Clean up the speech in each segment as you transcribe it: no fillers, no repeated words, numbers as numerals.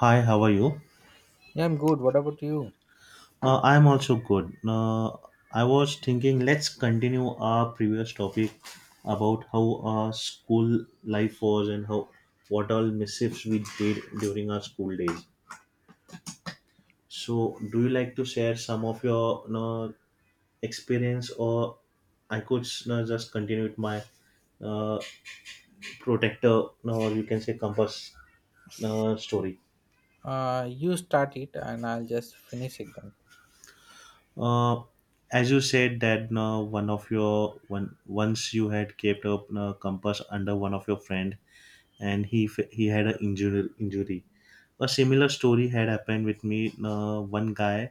Hi, how are you? Yeah, I'm good. What about you? I'm also good. I was thinking let's continue our previous topic about how our school life was and how what all mischiefs we did during our school days. So, do you like to share some of your experience, or I could just continue with my uh, protector, or you can say compass story? You start it and I'll just finish it then. Uh, as you said that one of your one once you had kept a compass under one of your friend and he had an injury. A similar story had happened with me. One guy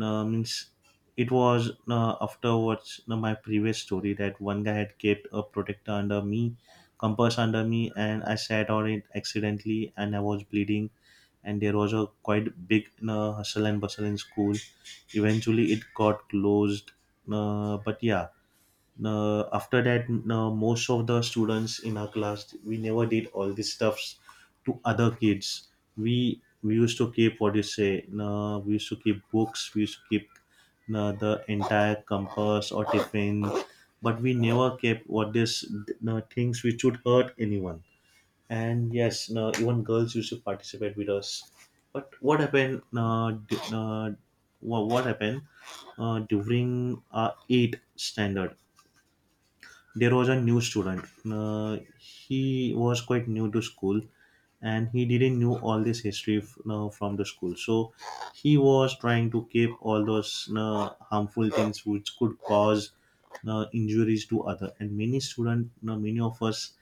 means it was afterwards my previous story that one guy had kept a protector under me, compass under me, and I sat on it accidentally and I was bleeding and there was a quite big hustle and bustle in school. Eventually, it got closed. But yeah, after that, most of the students in our class we never did all these stuffs to other kids. We used to keep what you say. We used to keep books. We used to keep the entire compass or tiffin, but we never kept what this things which would hurt anyone. And yes, no, even girls used to participate with us. But what happened what happened during our 8th standard there was a new student. He was quite new to school and he didn't know all this history from the school. So he was trying to keep all those harmful things which could cause injuries to other. And many of us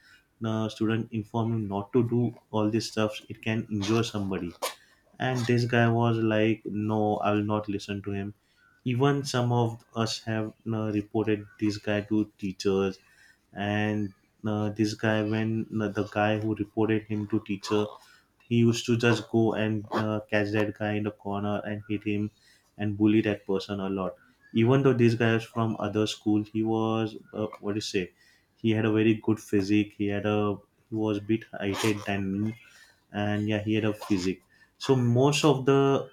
student inform him not to do all this stuff. It can injure somebody. And this guy was like, no, I will not listen to him. Even some of us have reported this guy to teachers. And this guy, when the guy who reported him to teacher, he used to just go and catch that guy in the corner and hit him and bully that person a lot. Even though this guy is from other school, he was what do you say, he had a very good physique. He had a he was bit heighted than me. And yeah, he had a physique. So most of the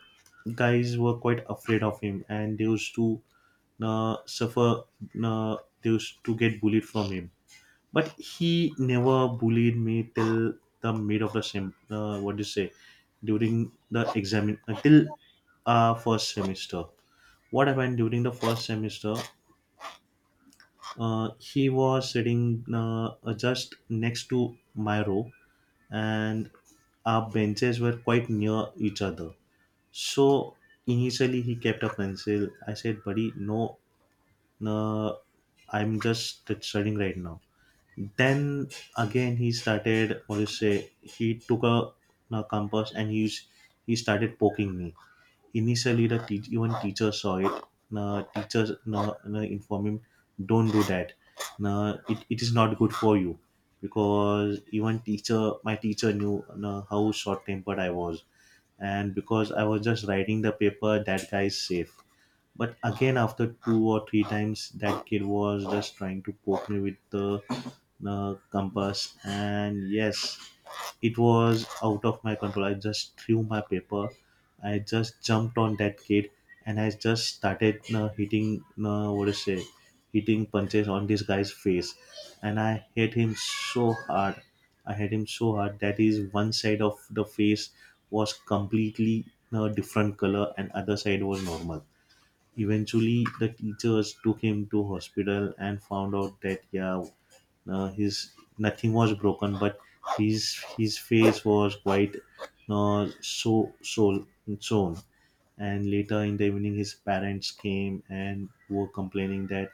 guys were quite afraid of him, and they used to suffer. They used to get bullied from him. But he never bullied me till the mid of the sem. What do you say? During the exam, until our first semester. What happened during the first semester? He was sitting just next to my row, and our benches were quite near each other. So initially he kept a pencil. I said, buddy, no, no, I'm just studying right now. Then again he started, what do you say, he took a compass and he, he started poking me. Initially even teacher saw it. The teachers, no, no, inform him, don't do that. No, it is not good for you because even teacher, my teacher knew no, how short-tempered I was. And because I was just writing the paper, that guy is safe. But again, after two or three times, that kid was just trying to poke me with the compass, and yes, it was out of my control. I just threw my paper. I just jumped on that kid and I just started hitting, what is it, hitting punches on this guy's face. And I hit him so hard. I hit him so hard that is one side of the face was completely a different color and other side was normal. Eventually, the teachers took him to hospital and found out that yeah, his nothing was broken, but his face was quite so sewn. And later in the evening, his parents came and were complaining that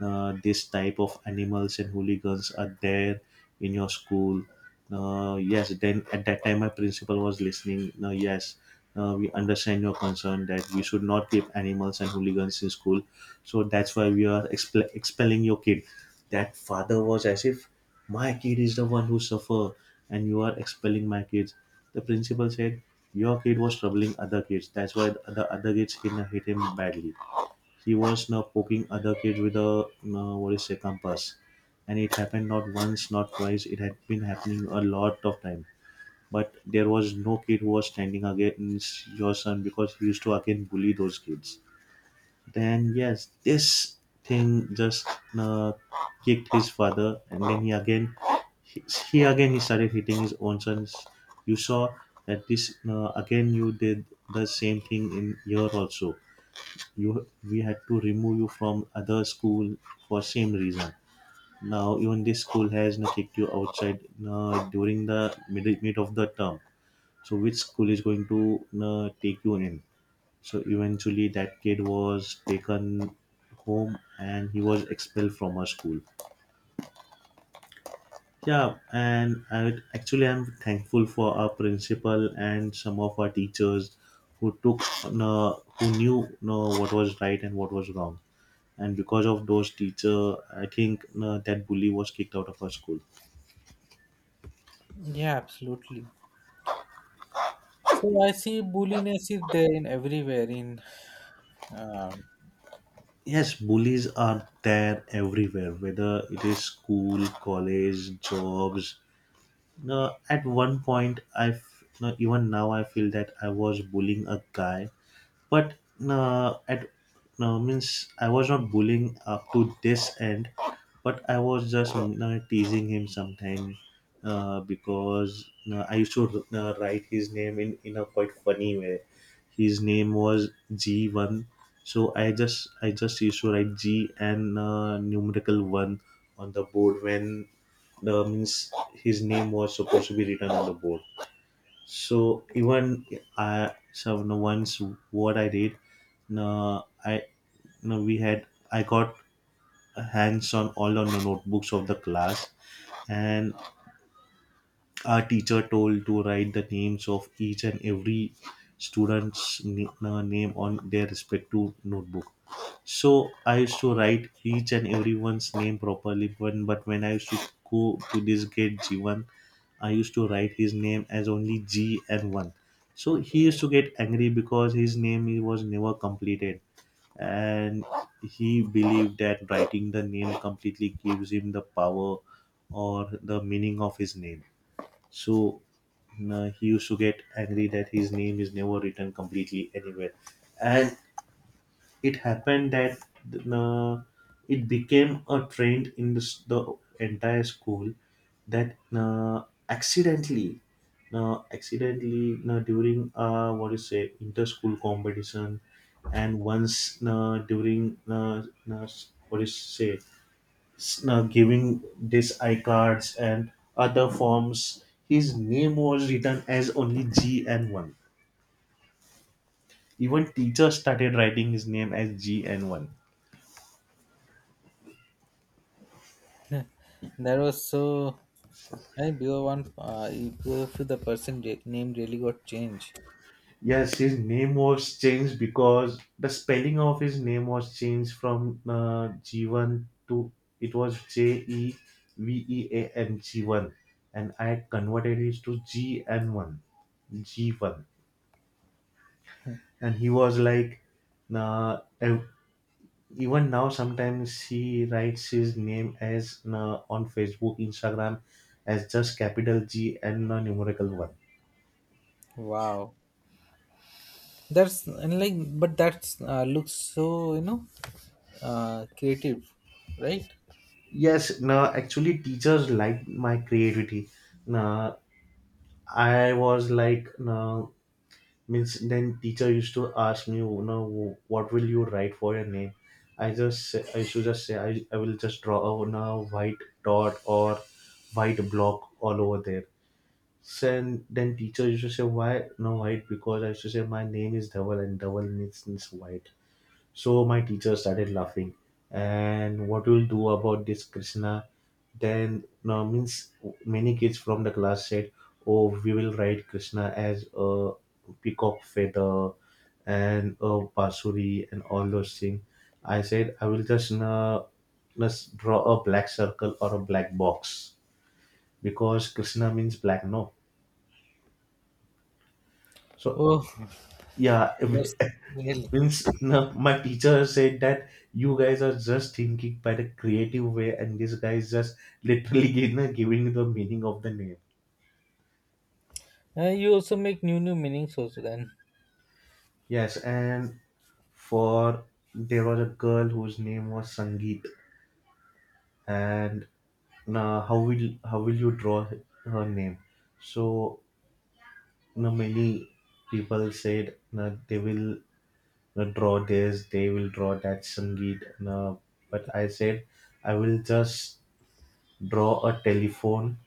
this type of animals and hooligans are there in your school. Yes, then at that time my principal was listening, no, yes, we understand your concern that we should not keep animals and hooligans in school. So that's why we are expelling your kid. That father was as if my kid is the one who suffer and you are expelling my kids. The principal said, your kid was troubling other kids, that's why the other kids hit him badly. He was now poking other kids with a what is say compass, and it happened not once, not twice. It had been happening a lot of time, but there was no kid who was standing against your son because he used to again bully those kids. Then yes, this thing just uh, kicked his father, and then he, he again he started hitting his own sons. You saw that this again you did the same thing in here also. You we had to remove you from other school for same reason. Now even this school has now kicked you outside during the mid of the term. So which school is going to take you in? So eventually that kid was taken home and he was expelled from our school. Yeah, and actually I'm thankful for our principal and some of our teachers who took who knew what was right and what was wrong. And because of those teacher, I think that bully was kicked out of our school. Yeah, absolutely. So I see bulliness is there in everywhere. In um, Yes, bullies are there everywhere, whether it is school, college, jobs. No, at one point no, even now I feel that I was bullying a guy. But at no means I was not bullying up to this end, but I was just teasing him sometimes. Because I used to write his name in a quite funny way. His name was G1, so I just used to write G and numerical one on the board when the means his name was supposed to be written on the board. So even I, so no, once what I did, no I, no we had, I got hands on all on the notebooks of the class, and our teacher told to write the names of each and every student's name on their respective notebook. So I used to write each and everyone's name properly, but when I used to go to this gate G1 I used to write his name as only G and one. So he used to get angry because his name he was never completed, and he believed that writing the name completely gives him the power or the meaning of his name. So he used to get angry that his name is never written completely anywhere, and it happened that uh, it became a trend in the entire school that accidentally during what you say inter-school competition. And once during uh, what is say, giving these I cards and other forms, his name was written as only G and 1. Even teachers started writing his name as G and 1. there was so I think below one, below if the person name really got changed. Yes, his name was changed because the spelling of his name was changed from G to, it was JEVEAN G1, and I converted it to G N one, G1, and he was like, uh, ev- even now sometimes he writes his name as on Facebook, Instagram, as just capital G and a numerical one. Wow, that's and like but that's looks so, you know, creative, right? Yes, no, actually teachers like my creativity. No, I was like, no, means then teacher used to ask me, you know, what will you write for your name? I just, say, I should just say, I will just draw a, white dot or white block all over there. So, and then teacher used to say, why no white? Because I used to say my name is Dhaval and Dhaval means white. So my teacher started laughing. And what will do about this, Krishna? Then no, means many kids from the class said, "Oh, we will write Krishna as a peacock feather and a basuri and all those things." I said, "I will just draw a black circle or a black box because Krishna means black, no." So Oh, yeah, that's really. means no, my teacher said that you guys are just thinking by the creative way, and this guy is just literally giving the meaning of the name. You also make new meanings also then. Yes, and for there was a girl whose name was Sangeet, and now how will you draw her name? So now many people said now they will draw this, they will draw that Sangeet. Now, but I said I will just draw a telephone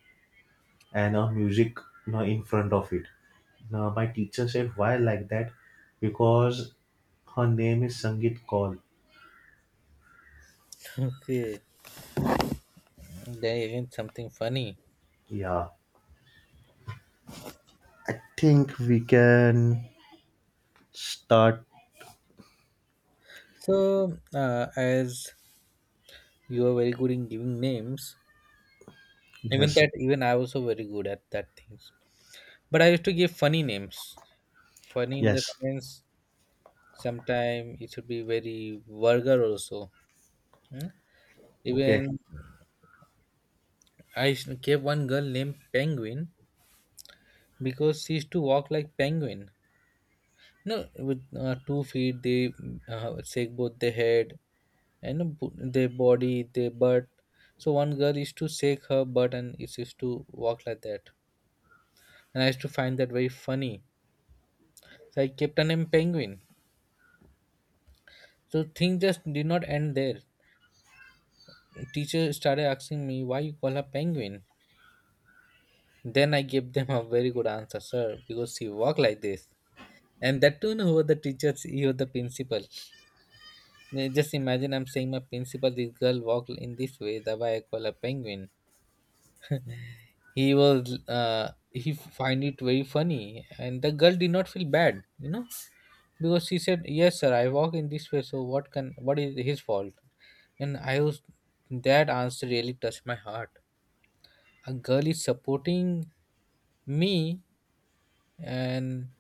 and a music in front of it. Now, my teacher said, "Why like that?" Because her name is Sangit Kaul. Okay. Then again, something funny. Yeah, I think we can start. So, as you are very good in giving names, even Yes, that, even I was also very good at that things. But I used to give funny names. Funny in the yes, sense, sometimes it should be very vulgar also. Hmm? okay. Even gave one girl named Penguin because she used to walk like penguin. No, with 2 feet, they shake both the head and their body, their butt. So one girl used to shake her butt and it used to walk like that. And I used to find that very funny. So I kept her name Penguin. So things just did not end there. Teacher started asking me why you call her Penguin. Then I gave them a very good answer, sir, because she walk like this. And that too, who were the teachers, he was the principal. Now, just imagine I'm saying my principal, this girl walk in this way, that why I call her Penguin. He was he find it very funny, and the girl did not feel bad, you know, because she said, yes sir, I walk in this way, so what can, what is his fault. And I was, that answer really touched my heart. A girl is supporting me, and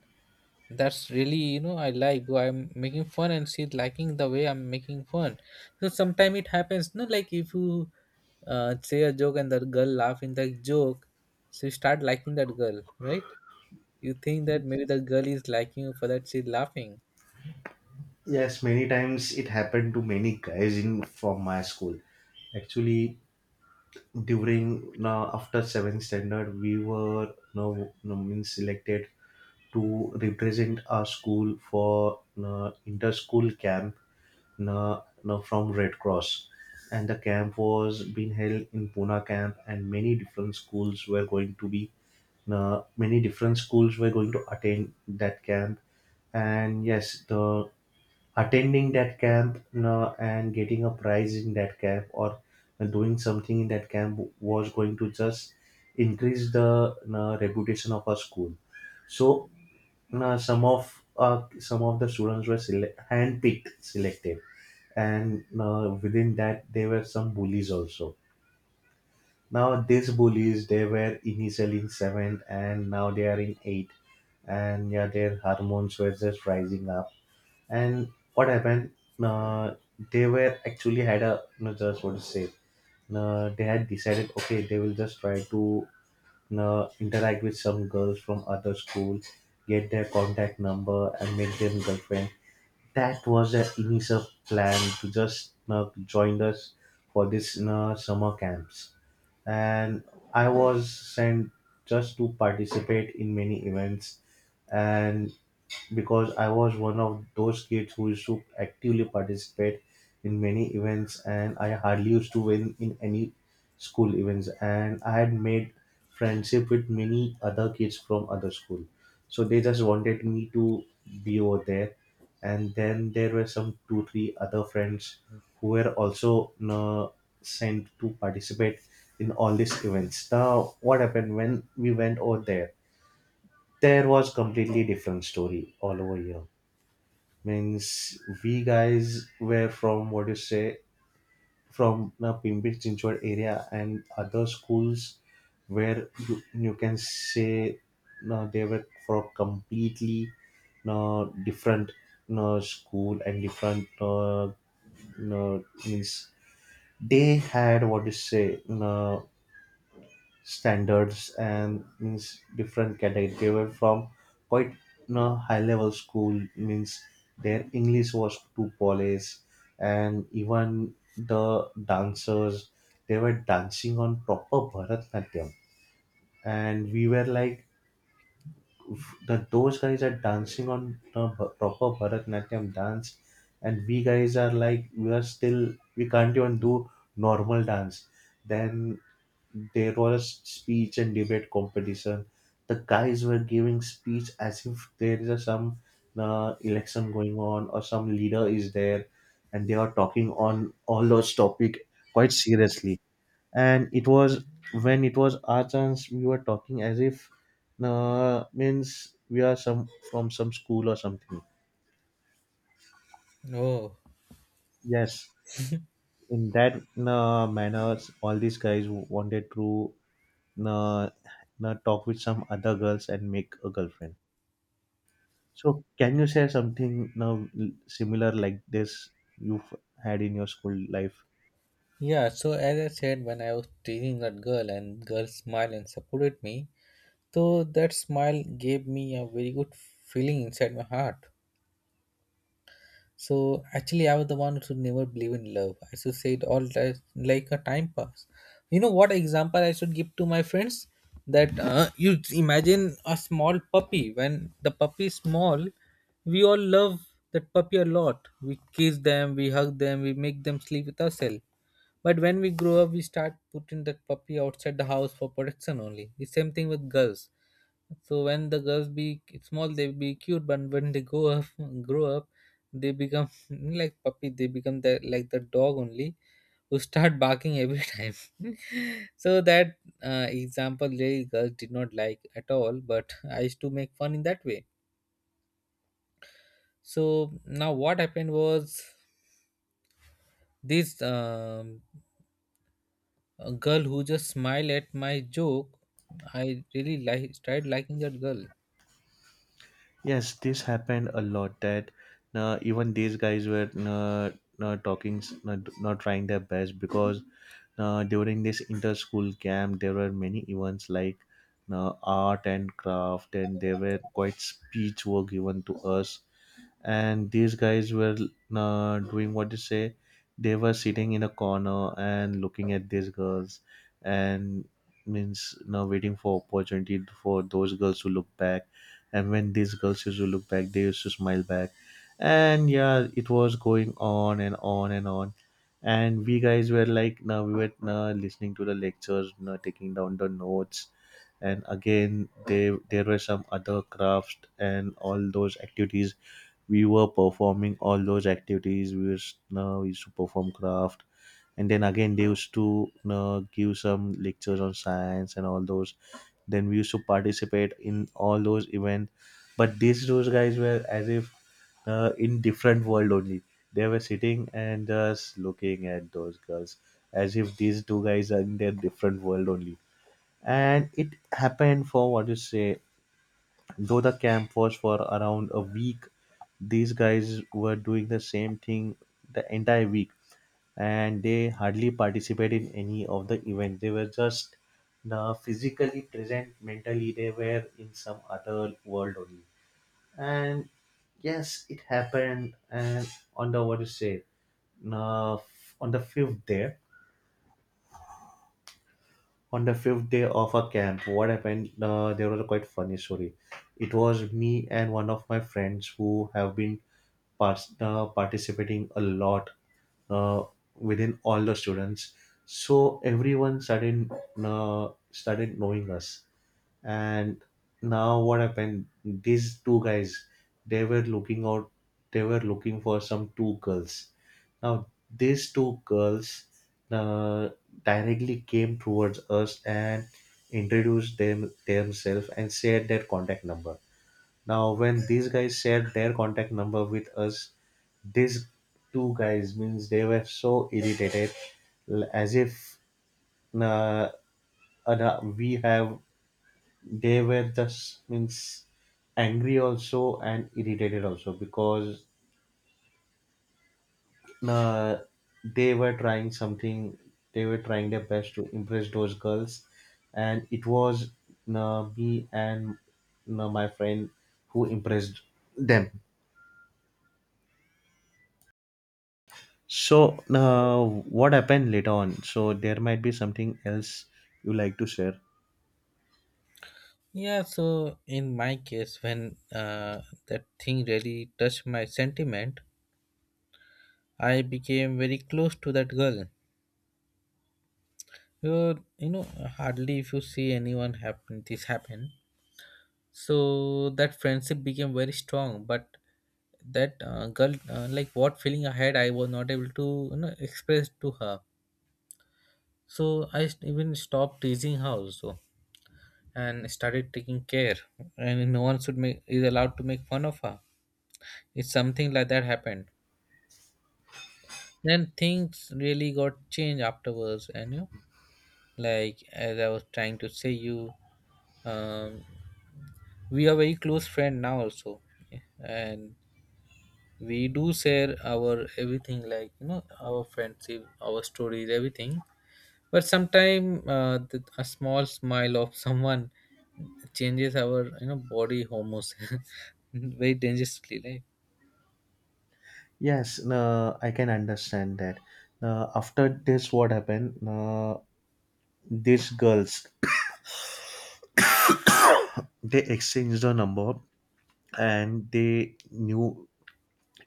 that's really, you know, I like, though I'm making fun and she's liking the way I'm making fun. So sometimes it happens, no, like if you say a joke and the girl laugh in the joke, so you start liking that girl, right? You think that maybe the girl is liking you for that she's laughing. Yes, many times it happened to many guys in from my school. Actually, during now after seventh standard, we were no means selected to represent our school for no, inter school camp na from Red Cross, and the camp was being held in Pune camp, and many different schools were going to be, many different schools were going to attend that camp. And yes, the attending that camp, and getting a prize in that camp or doing something in that camp was going to just increase the, reputation of our school. So some of the students were handpicked, selected, and within that there were some bullies also. Now these bullies, they were initially in seventh and now they are in eight, and yeah their hormones were just rising up. And what happened, uh, they were actually had a no just what to say, they had decided okay they will just try to interact with some girls from other school, get their contact number and make them girlfriend. That was the initial plan, to just join us for this summer camps. And I was sent just to participate in many events, and because I was one of those kids who used to actively participate in many events and I hardly used to win in any school events, and I had made friendship with many other kids from other school. So they just wanted me to be over there, and then there were some two three other friends who were also sent to participate in all these events. Now what happened when we went over there? There was completely different story all over here. Means we guys were from what you say, from the Pimpri Chinchwad area, and other schools, where you can say no, they were for completely no different no school and different no, no means they had what you say no standards and means different cadet they were from quite high level school. Means their English was too polished, and even the dancers, they were dancing on proper Bharatnatyam. And we were like, the those guys are dancing on the proper Bharatnatyam dance, and we guys are like we are still we can't even do normal dance." Then there was speech and debate competition. The guys were giving speech as if there is some election going on or some leader is there, and they are talking on all those topic quite seriously. And it was when it was our chance, we were talking as if means we are some from some school or something. Oh, Yes, in that manner, all these guys wanted to uh, talk with some other girls and make a girlfriend. So, can you share something now similar like this you've had in your school life? yeah. So as I said, when I was teasing that girl and girl smiled and supported me, so that smile gave me a very good feeling inside my heart. So actually, I was the one who should never believe in love. I should say it all like a time pass. You know what example I should give to my friends? That you imagine a small puppy. When the puppy is small, we all love that puppy a lot. We kiss them, we hug them, we make them sleep with ourselves. But when we grow up, we start putting that puppy outside the house for protection only. The same thing with girls. So when the girls be small, they be cute, but when they go up, grow up, they become like puppy. They become the like the dog only who start barking every time. So that example, really girls did not like at all. But I used to make fun in that way. So now what happened was this a girl who just smiled at my joke. I really like started liking that girl. Yes, this happened a lot. That even these guys were not talking, not trying their best, because during this inter-school camp there were many events like art and craft, and there were quite speech were given to us. And these guys were doing what you say, they were sitting in a corner and looking at these girls, and means now waiting for opportunity for those girls to look back, and when these girls used to look back they used to smile back, and yeah it was going on and on and on. And we guys were like, now we were now listening to the lectures, now taking down the notes. And again they there were some other crafts and all those activities, we were performing all those activities. We used to perform craft, and then again they used to give some lectures on science and all those. Then we used to participate in all those events. But these those guys were as if in different world only. They were sitting and just looking at those girls as if these two guys are in their different world only. And it happened for what you say, though the camp was for around a week, these guys were doing the same thing the entire week, and they hardly participated in any of the events. They were just physically present, mentally, they were in some other world only. And yes, it happened. And on the what you say, uh, on the fifth day, on the fifth day of a camp what happened, there was a quite funny story. It was me and one of my friends who have been participating a lot, uh, within all the students, so everyone started knowing us. And now what happened, these two guys, they were looking out, they were looking for some two girls. Now these two girls uh, directly came towards us and introduced themselves and shared their contact number. Now when these guys shared their contact number with us, these two guys, means they were so irritated, as if uh, we have, they were just means angry also and irritated also, because uh, they were trying something, they were trying their best to impress those girls. And it was me and my friend who impressed them. So what happened later on, so there might be something else you like to share. Yeah, so in my case, when that thing really touched my sentiment, I became very close to that girl. You know, hardly if you see anyone happen, this happen. So that friendship became very strong. But that girl, like what feeling I had, I was not able to, you know, express to her. So even stopped teasing her also and started taking care. And no one should make is allowed to make fun of her. It's something like that happened. Then things really got changed afterwards, and, you know, like as I was trying to say you um, we are very close friend now also, and we do share our everything, like, you know, our friendship, our stories, everything. But sometime, a small smile of someone changes our, you know, body hormones very dangerously, like. Yes, I can understand that. After this what happened, these girls, they exchanged a number, and they knew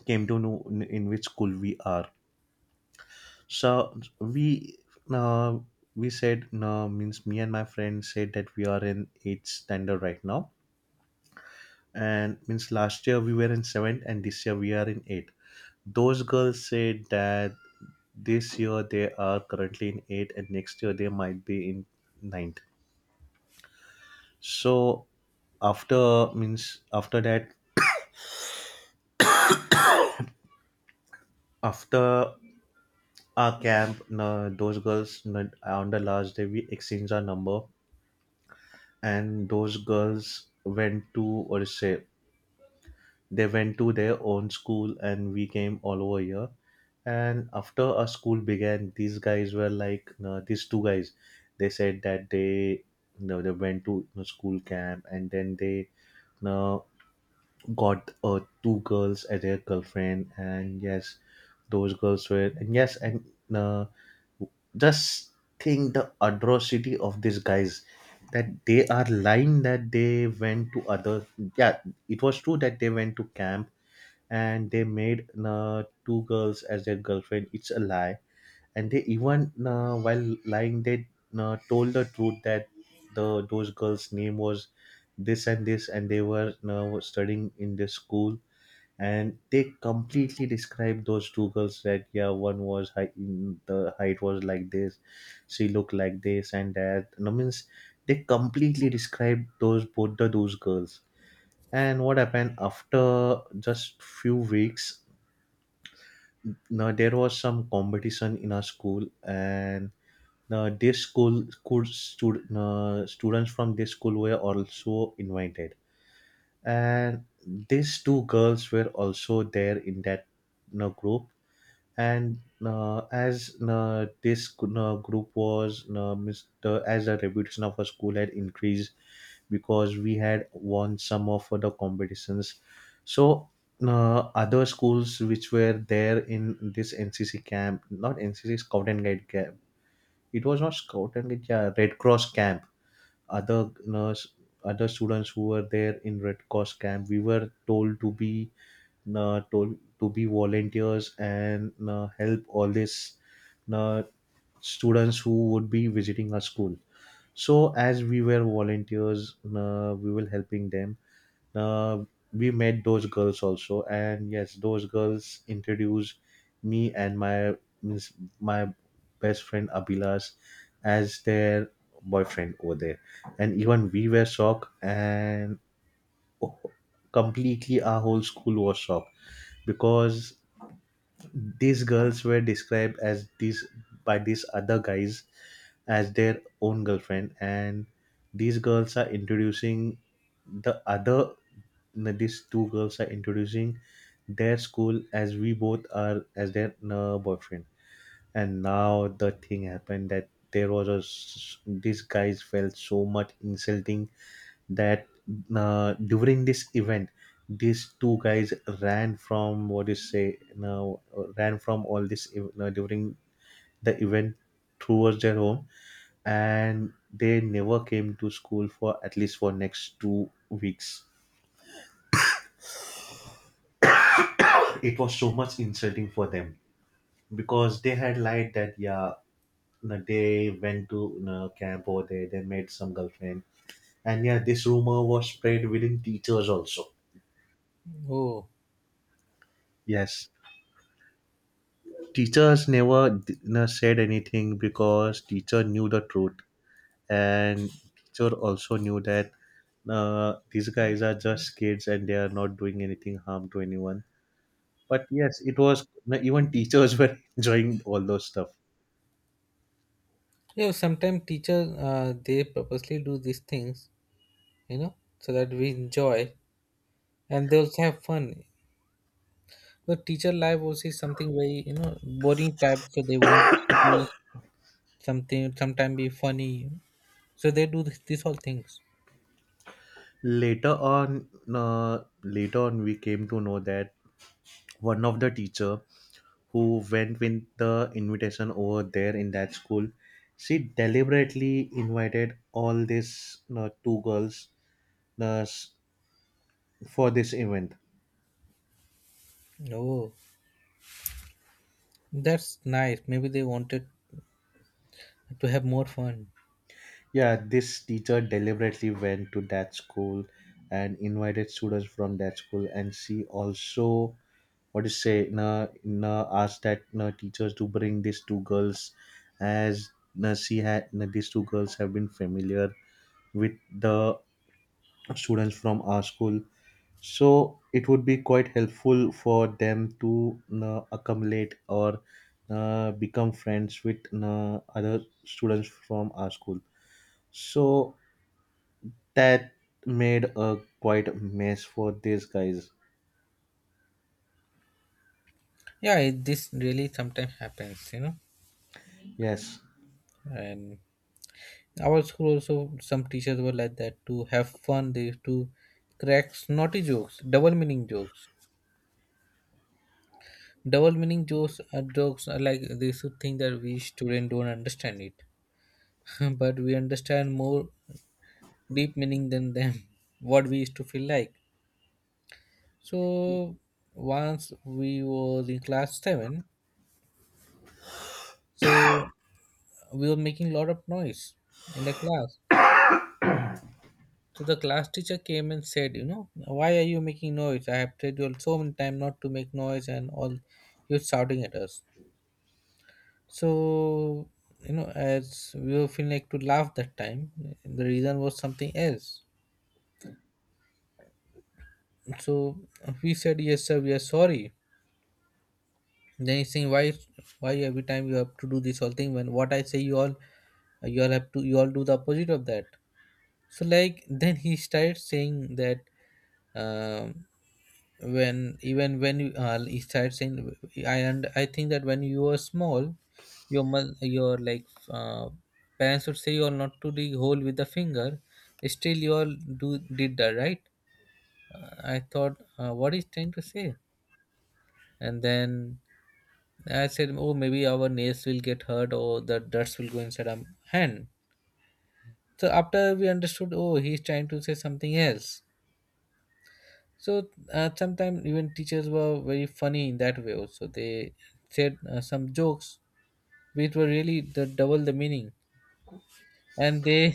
came to know in which school we are. So uh, we said no, means me and my friend said that we are in eighth standard right now, and means last year we were in seventh and this year we are in eighth. Those girls said that this year they are currently in eighth and next year they might be in ninth. So after means after that, after our camp no, those girls no, on the last day we exchanged our number, and those girls went to what to say, they went to their own school and we came all over here. And after our school began, these guys were like no, these two guys, they said that they no, they went to no, school camp and then they no got two girls as their girlfriend. And yes, those girls were, and yes, and uh, just think the atrocity of these guys, that they are lying, that they went to other. Yeah, it was true that they went to camp, and they made two girls as their girlfriend, it's a lie. And they even, while lying, they told the truth that the those girls name was this and this, and they were studying in this school. And they completely described those two girls, that yeah one was high, the height was like this, she looked like this and that no. Means they completely described those both the those girls. And what happened after just few weeks, now there was some competition in our school, and now, this school, school stud, students from this school were also invited, and these two girls were also there in that group. And as this group was, Mr. as the reputation of our school had increased, because we had won some of the competitions. So other schools which were there in this NCC camp, not NCC Scout and Guide camp, it was not scout and it, yeah, Red Cross camp, other nurse, other students who were there in Red Cross camp, we were told to be volunteers and help all these uh, students who would be visiting our school. So as we were volunteers, we were helping them, uh, we met those girls also, and yes those girls introduced me and means my best friend Abilas as their boyfriend over there. And even we were shocked and completely our whole school was shocked, because these girls were described as these by these other guys as their own girlfriend, and these girls are introducing the other. No, these two girls are introducing their school as we both are as their boyfriend. And now the thing happened that there was these guys felt so much insulting that during this event these two guys ran from what you say now ran from during the event towards their home, and they never came to school for at least for next 2 weeks. It was so much insulting for them because they had lied that yeah, you they went to you camp over there, they made some girlfriend. And yeah, this rumor was spread within teachers also. Oh, Yes, teachers never said anything because teacher knew the truth, and teacher also knew that these guys are just kids and they are not doing anything harm to anyone. But yes, it was even teachers were enjoying all those stuff. yeah, sometimes teachers, they purposely do these things, you know, so that we enjoy and they also have fun. The teacher life also is something very, you know, boring type, so they want to be something, sometime be funny, so they do this, these all things. Later on, uh, later on we came to know that one of the teacher who went with the invitation over there in that school, she deliberately invited all these two girls uh, s- for this event. Oh, that's nice, maybe they wanted to have more fun. Yeah, this teacher deliberately went to that school and invited students from that school, and she also what to say, na na asked that na teachers to bring these two girls, as na she had na these two girls have been familiar with the students from our school. So it would be quite helpful for them to, na, accumulate or become friends with, na, other students from our school. So that made a quite mess for these guys. Yeah, it, this really sometimes happens, you know, Yes, and our school also, some teachers were like that. To have fun, they used to crack snotty jokes, double meaning jokes. Double meaning jokes are like, they should think that we student don't understand it, but we understand more deep meaning than them, what we used to feel like. So once we was in class 7, so we were making a lot of noise in the class. So the class teacher came and said, you know, why are you making noise, I have told you so many times not to make noise and all, you're shouting at us. So, you know, as we were feeling like to laugh that time, the reason was something else. So we said, yes sir, we are sorry. Then he's saying, why every time you have to do this whole thing, when what I say, you all have to, you all do the opposite of that. So like, then he started saying that, um when even when you, he started saying, I think that when you were small, your your, like, parents would say you are not to dig hole with the finger, still you all do did that, right. I thought, what is trying to say, and then I said, oh, maybe our nails will get hurt or the dust will go inside our hand. So after we understood, oh, he's trying to say something else. So sometimes even teachers were very funny in that way. Also, they said some jokes which were really the double the meaning, and they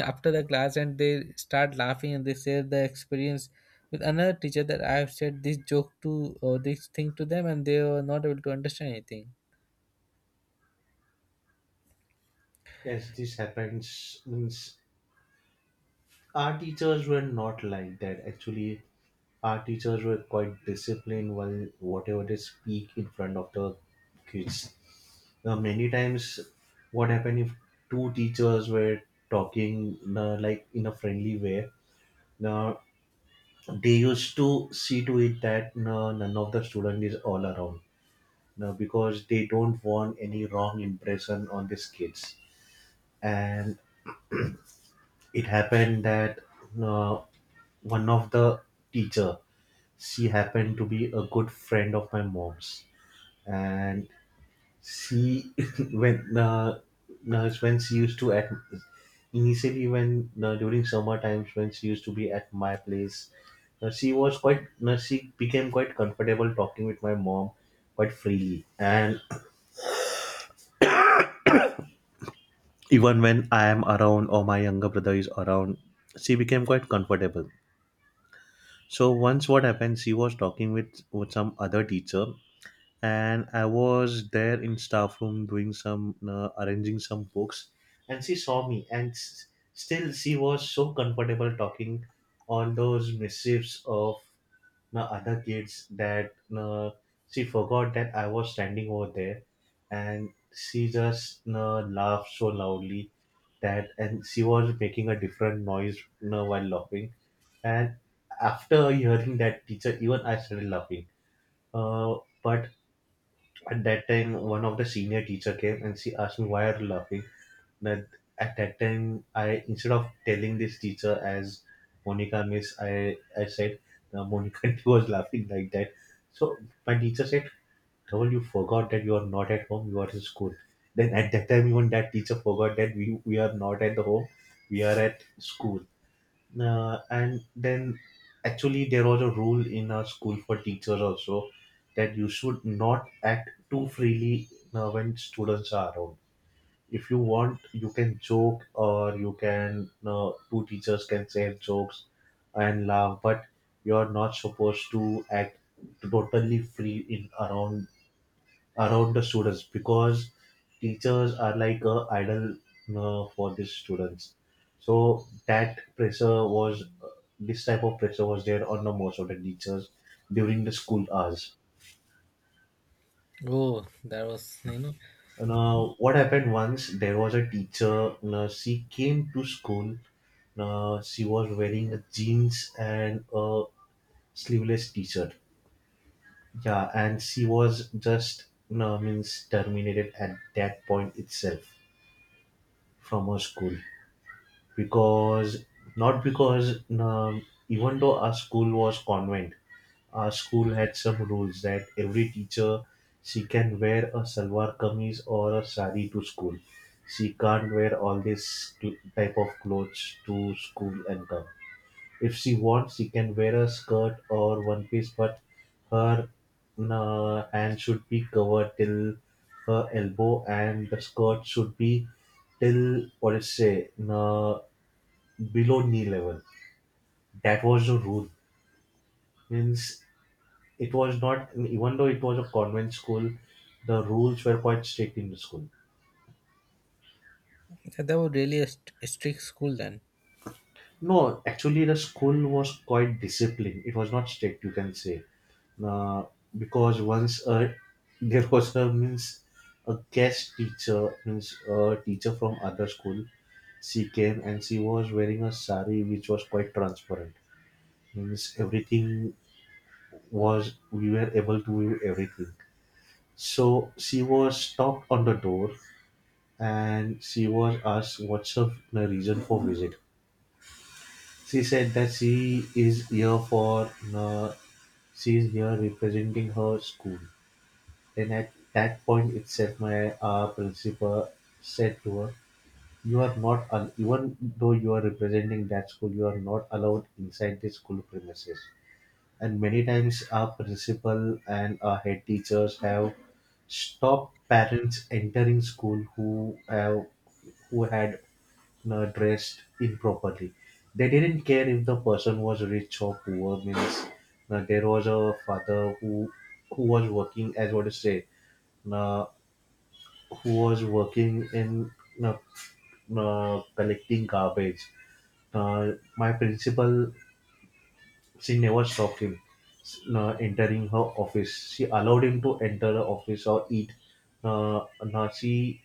after the class and they start laughing and they share the experience with another teacher that I have said this joke to or this thing to them, and they were not able to understand anything. yes, this happens. Means our teachers were not like that. Actually, our teachers were quite disciplined while whatever they speak in front of the kids. Now, many times, what happened if two teachers were talking, like, in a friendly way? Now, they used to see to it that none of the student is all around, you know, because they don't want any wrong impression on these kids. And it happened that uh, one of the teacher, she happened to be a good friend of my mom's, and she when uh, when she used to at initially when during summer times when she used to be at my place. She was quite, she became quite comfortable talking with my mom quite freely. And even when I am around or my younger brother is around, she became quite comfortable. So once what happened, she was talking with some other teacher, and I was there in staff room doing some arranging some books, and she saw me, and still she was so comfortable talking on those mischiefs of the other kids that she forgot that I was standing over there, and she just laughed so loudly, that and she was making a different noise, you know, while laughing. And after hearing that teacher, even I started laughing, uh, but at that time one of the senior teacher came and she asked me, "Why are you laughing?" But at that time I, instead of telling this teacher as Monica Miss, I said, "Monica she was laughing like that." So my teacher said, "Dhaval, you forgot that you are not at home. You are in school." Then at that time, even that teacher forgot that we are not at the home. We are at school. And then actually there was a rule in our school for teachers also, that you should not act too freely when students are around. If you want, you can joke, or you can, two teachers can share jokes and laugh, but you're not supposed to act totally free in around the students, because teachers are like a idol for these students. So that pressure was, this type of pressure was there on the most of the teachers during the school hours. Oh, that was, you know, Now, what happened once, there was a teacher. Now, she came to school. Now, she was wearing a jeans and a sleeveless t-shirt. Yeah, and she was just, now means, terminated at that point itself from her school, because not because now, even though our school was convent, our school had some rules that every teacher, she can wear a salwar kameez or a sari to school. She can't wear all type of clothes to school and come. If she wants, she can wear a skirt or one piece, but her hand should be covered till her elbow, and the skirt should be till what is say, below knee level. That was the rule. Means, it was not, even though it was a convent school, the rules were quite strict in the school. That was really a strict school then. No, actually, the school was quite disciplined, it was not strict you can say. uh, because once, there was a means a guest teacher, means a teacher from other school, she came and she was wearing a sari which was quite transparent. Means everything was, we were able to view everything. So she was stopped on the door, and she was asked what's her reason for visit. She said that she is here for, she is here representing her school. And at that point itself, my principal said to her, "You are not even though you are representing that school, you are not allowed inside the school premises." And many times, our principal and our head teachers have stopped parents entering school who have who had dressed improperly. They didn't care if the person was rich or poor. Means, there was a father who was working as what to say, uh, who was working in uh, collecting garbage. My principal, she never stopped him entering her office. She allowed him to enter the office or eat. She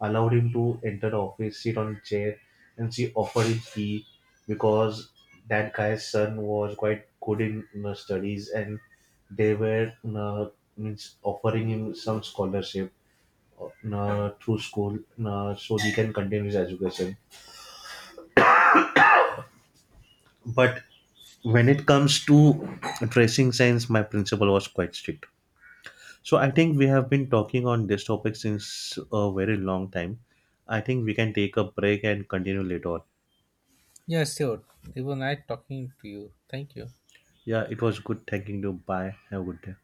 allowed him to enter the office, sit on a chair, and she offered him tea, because that guy's son was quite good in, you know, studies, and they were, you know, means, offering him some scholarship, you know, through school, you know, so he can continue his education. But when it comes to tracing science, my principal was quite strict. So I think we have been talking on this topic since a very long time. I think we can take a break and continue later on. Yeah, sure. It was nice talking to you. Thank you. Yeah, it was good thanking you. Bye. Have a good day.